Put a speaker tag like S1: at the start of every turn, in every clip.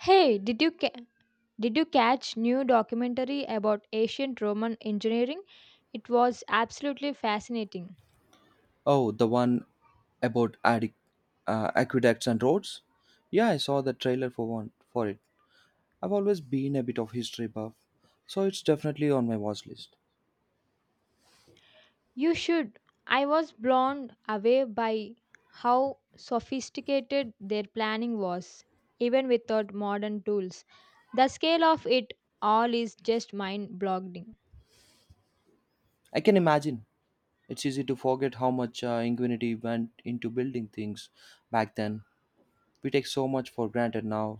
S1: Hey, did you catch new documentary about ancient Roman engineering? It was absolutely fascinating.
S2: Oh, the one about aqueducts and roads? Yeah, I saw the trailer for one for it. I've always been a bit of history buff, so it's definitely on my watch list.
S1: You should. I was blown away by how sophisticated their planning was, even without modern tools. The scale of it all is just mind-boggling.
S2: I can imagine. It's easy to forget how much ingenuity went into building things back then. We take so much for granted now.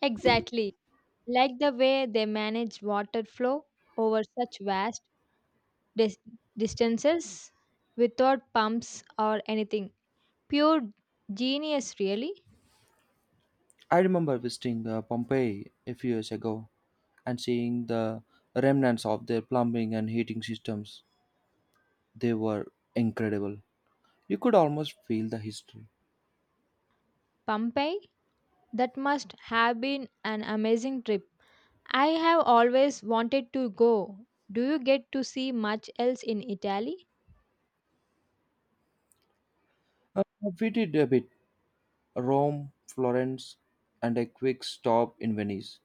S1: Exactly, like the way they manage water flow over such vast dis- distances without pumps or anything. Pure genius, really.
S2: I remember visiting Pompeii a few years ago and seeing the remnants of their plumbing and heating systems. They were incredible. You could almost feel the history.
S1: Pompeii? That must have been an amazing trip. I have always wanted to go. Do you get to see much else in Italy?
S2: Uh, we did a bit Rome, Florence, and a quick stop in Venice.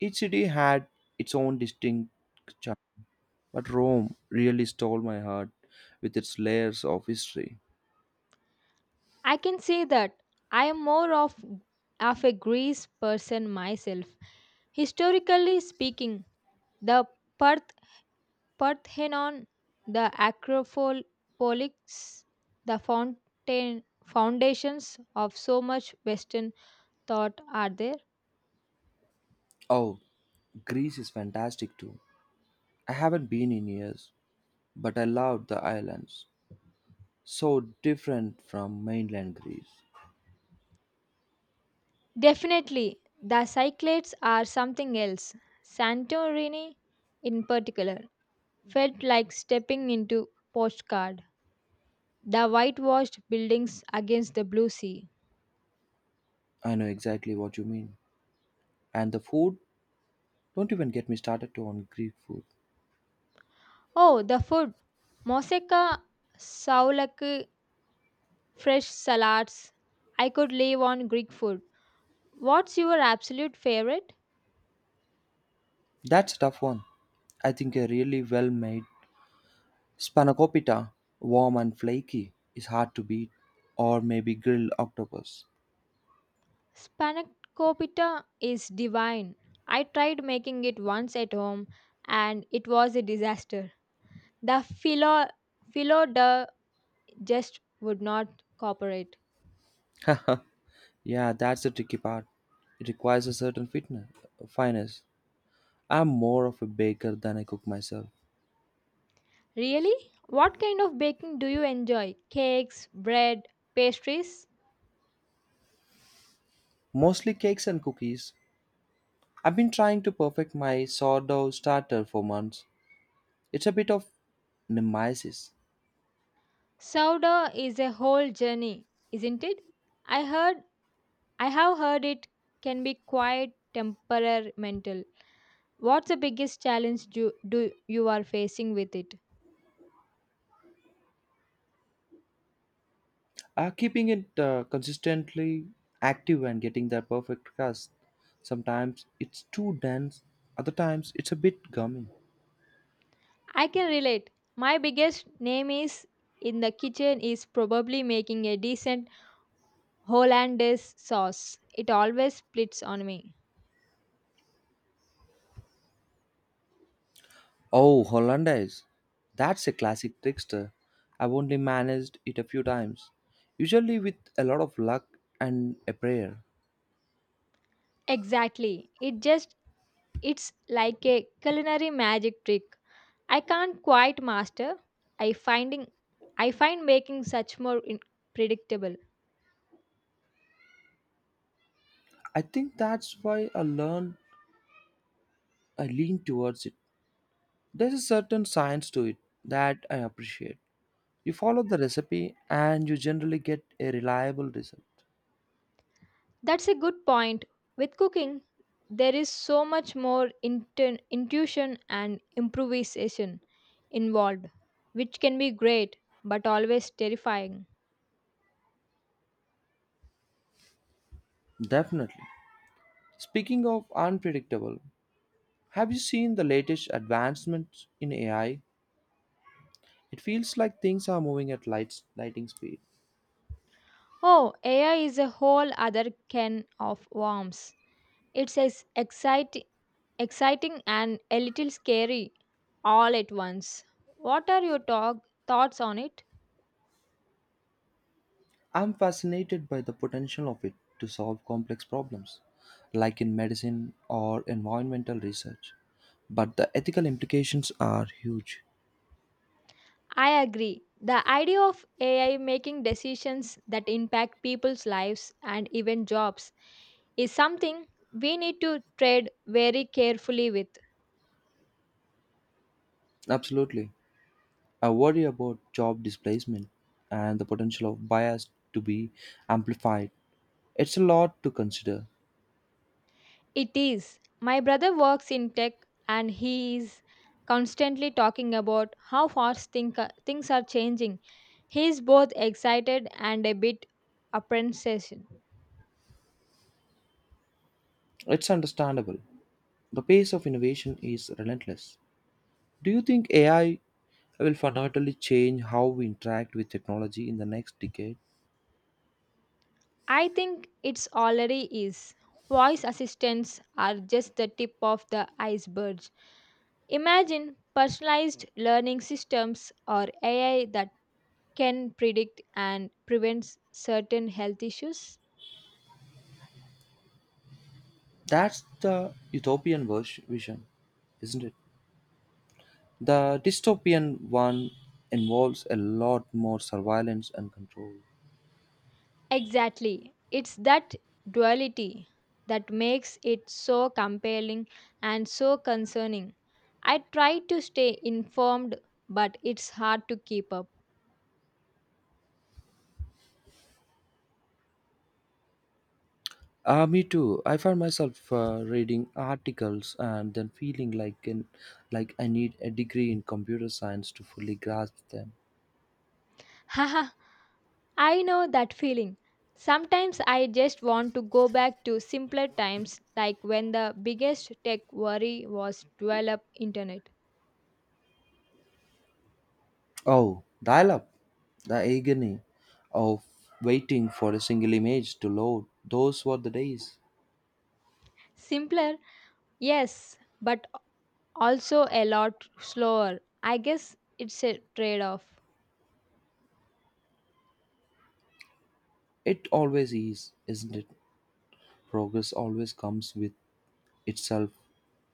S2: Each city had its own distinct charm, but Rome really stole my heart with its layers of history.
S1: I can say that I am more of a Greece person myself. Historically speaking, the Parth, Parthenon, the Acropolis, the foundations of so much Western thought are there.
S2: Oh, Greece is fantastic too. I haven't been in years, but I loved the islands. So different from mainland Greece.
S1: Definitely, the Cyclades are something else. Santorini, in particular, felt like stepping into postcard. The whitewashed buildings against the blue sea.
S2: I know exactly what you mean. And the food? Don't even get me started on Greek food.
S1: Oh, the food! Moussaka, souvlaki, fresh salads. I could live on Greek food. What's your absolute favorite?
S2: That's a tough one. I think a really well made Spanakopita, warm and flaky, is hard to beat, or maybe grilled octopus.
S1: Spanakopita is divine. I tried making it once at home and it was a disaster. The philo de just would not cooperate.
S2: Yeah, that's the tricky part. It requires a certain fineness. I'm more of a baker than I cook myself.
S1: Really? What kind of baking do you enjoy? Cakes, bread, pastries?
S2: Mostly cakes and cookies. I've been trying to perfect my sourdough starter for months. It's a bit of nemesis.
S1: Sourdough is a whole journey, isn't it? I heard I have heard it can be quite temperamental. What's the biggest challenge do you are facing with it?
S2: Keeping it consistently active and getting that perfect crust. Sometimes it's too dense, other times it's a bit gummy.
S1: I can relate. My biggest name is in the kitchen is probably making a decent hollandaise sauce. It always splits on me.
S2: Oh, Hollandaise. That's a classic trickster. I've only managed it a few times, usually with a lot of luck and a prayer.
S1: Exactly. It just it's like a culinary magic trick. I can't quite master. I finding I find making such more predictable.
S2: I think that's why I lean towards it. There's a certain science to it that I appreciate. You follow the recipe and you generally get a reliable result.
S1: That's a good point. With cooking, there is so much more intuition and improvisation involved, which can be great but always terrifying.
S2: Definitely. Speaking of unpredictable, have you seen the latest advancements in AI? It feels like things are moving at lightning speed.
S1: Oh, AI is a whole other can of worms. It's exciting and a little scary all at once. What are your thoughts on it?
S2: I'm fascinated by the potential of it to solve complex problems, like in medicine or environmental research. But the ethical implications are huge.
S1: I agree. The idea of AI making decisions that impact people's lives and even jobs is something we need to tread very carefully with.
S2: Absolutely. I worry about job displacement and the potential of bias to be amplified. It's a lot to consider.
S1: It is. My brother works in tech and he is constantly talking about how things are changing. He is both excited and a bit apprehensive.
S2: It's understandable. The pace of innovation is relentless. Do you think AI will fundamentally change how we interact with technology in the next decade?
S1: I think it's already is. Voice assistants are just the tip of the iceberg. Imagine personalized learning systems or AI that can predict and prevent certain health issues.
S2: That's the utopian vision, isn't it? The dystopian one involves a lot more surveillance and control.
S1: Exactly. It's that duality that makes it so compelling and so concerning. I try to stay informed, but it's hard to keep up.
S2: Me too. I find myself reading articles and then feeling like I need a degree in computer science to fully grasp them.
S1: Haha, I know that feeling. Sometimes I just want to go back to simpler times like when the biggest tech worry was develop internet.
S2: Oh, dial up. The agony of waiting for a single image to load. Those were the days.
S1: Simpler, yes, but also a lot slower. I guess it's a trade-off.
S2: It always is, isn't it? Progress always comes with itself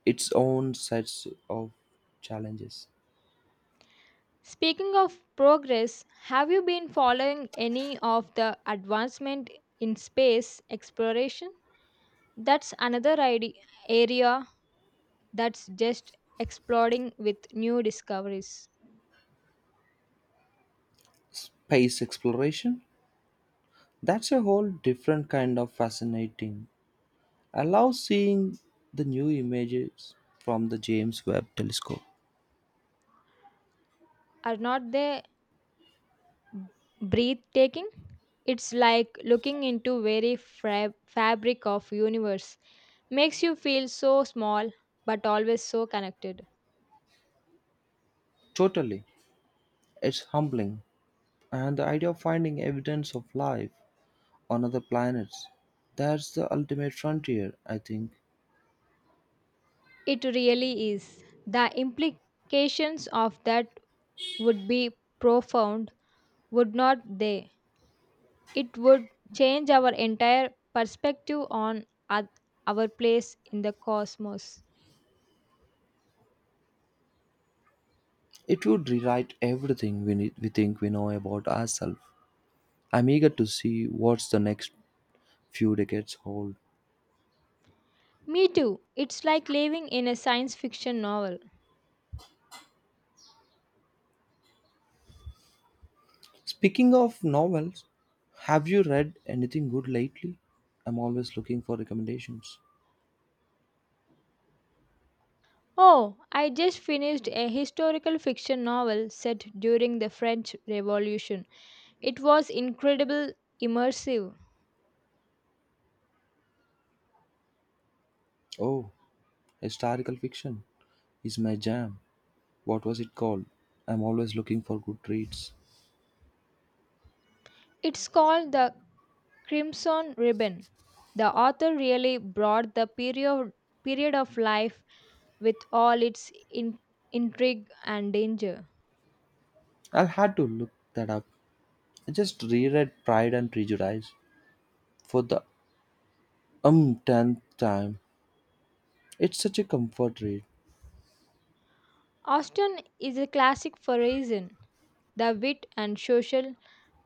S2: its own sets of challenges.
S1: Speaking of progress, have you been following any of the advancement in space exploration? That's another area that's just exploding with new discoveries.
S2: Space exploration, that's a whole different kind of fascinating. I love seeing the new images from the James Webb telescope.
S1: Are not they b- breathtaking? It's like looking into very fabric of universe. Makes you feel so small but always so connected.
S2: Totally, it's humbling. And the idea of finding evidence of life on other planets, that's the ultimate frontier, I think.
S1: It really is. The implications of that would be profound, would not they? It would change our entire perspective on our place in the cosmos.
S2: It would rewrite everything we think we know about ourselves. I'm eager to see what's the next few decades hold.
S1: Me too. It's like living in a science fiction novel.
S2: Speaking of novels, have you read anything good lately? I'm always looking for recommendations.
S1: Oh, I just finished a historical fiction novel set during the French Revolution. It was incredible immersive.
S2: Oh, historical fiction is my jam. What was it called? I'm always looking for good reads.
S1: It's called the Crimson Ribbon. The author really brought the period of life with all its intrigue and danger.
S2: I'll have to look that up. I just reread Pride and Prejudice for the umpteenth time. It's such a comfort read.
S1: Austen is a classic for a reason. The wit and social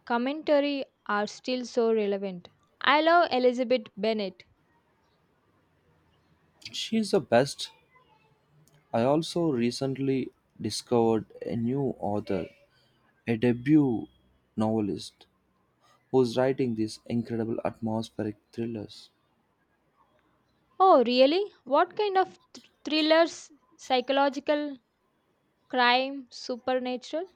S1: commentary are still so relevant. I love Elizabeth Bennet.
S2: She's the best. I also recently discovered a new author, a debut novelist who's writing these incredible atmospheric thrillers.
S1: Oh, really? What kind of thrillers, psychological, crime, supernatural?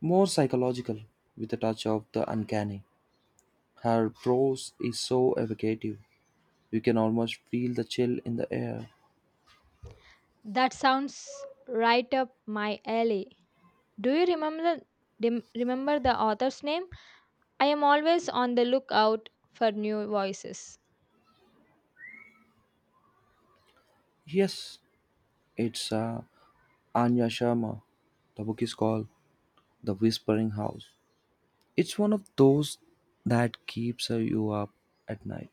S2: More psychological, with a touch of the uncanny. Her prose is so evocative, you can almost feel the chill in the air.
S1: That sounds right up my alley. Do you remember remember the author's name? I am always on the lookout for new voices.
S2: Yes, it's Anya Sharma. The book is called The Whispering House. It's one of those that keeps you up at night.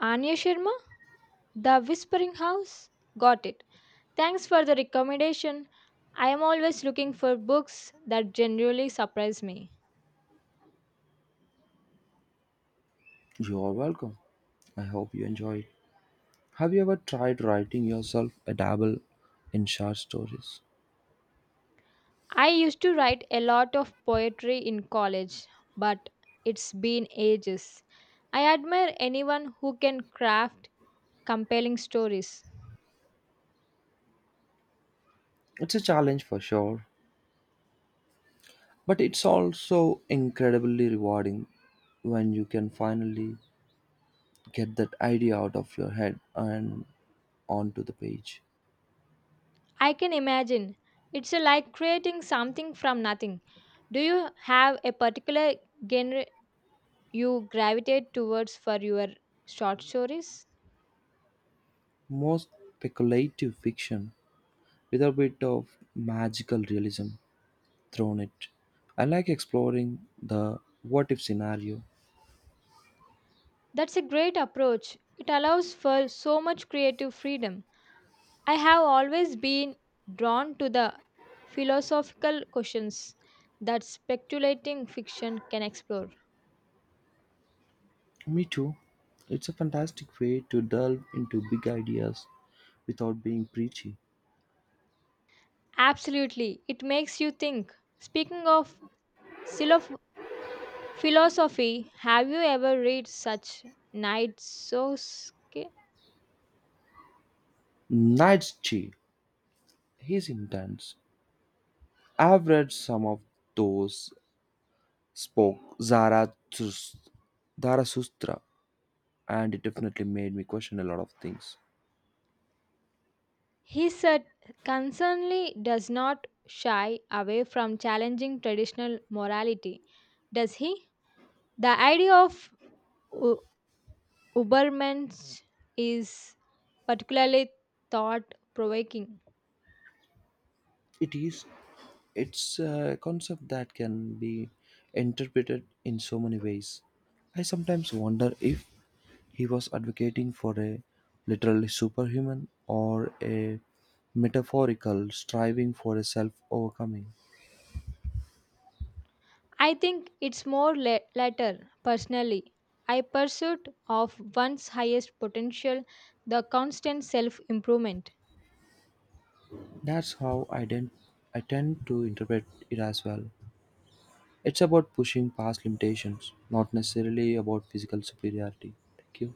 S1: Anya Sharma, The Whispering House? Got it. Thanks for the recommendation. I am always looking for books that generally surprise me.
S2: You are welcome. I hope you enjoy it. Have you ever tried writing yourself a dabble in short stories?
S1: I used to write a lot of poetry in college, but it's been ages. I admire anyone who can craft compelling stories.
S2: It's a challenge for sure, but it's also incredibly rewarding when you can finally get that idea out of your head and onto the page.
S1: I can imagine. It's like creating something from nothing. Do you have a particular genre you gravitate towards for your short stories?
S2: Most speculative fiction with a bit of magical realism thrown it. I like exploring the what if scenario.
S1: That's a great approach. It allows for so much creative freedom. I have always been drawn to the philosophical questions that speculating fiction can explore.
S2: Me too. It's a fantastic way to delve into big ideas without being preachy.
S1: Absolutely, it makes you think. Speaking of Philosophy. Have you ever read such Knight Soske?
S2: Nietzsche, he's intense. I've read some of those spoke Zarathus- Zarathustra, and it definitely made me question a lot of things.
S1: He said concernly does not shy away from challenging traditional morality, does he? The idea of u- Ubermensch is particularly thought provoking.
S2: It is it's a concept that can be interpreted in so many ways. I sometimes wonder if he was advocating for a literally superhuman or a metaphorical striving for a self overcoming.
S1: I think it's more later, personally. I pursuit of one's highest potential, the constant self improvement.
S2: That's how I, didn't, I tend to interpret it as well. It's about pushing past limitations, not necessarily about physical superiority. Thank you.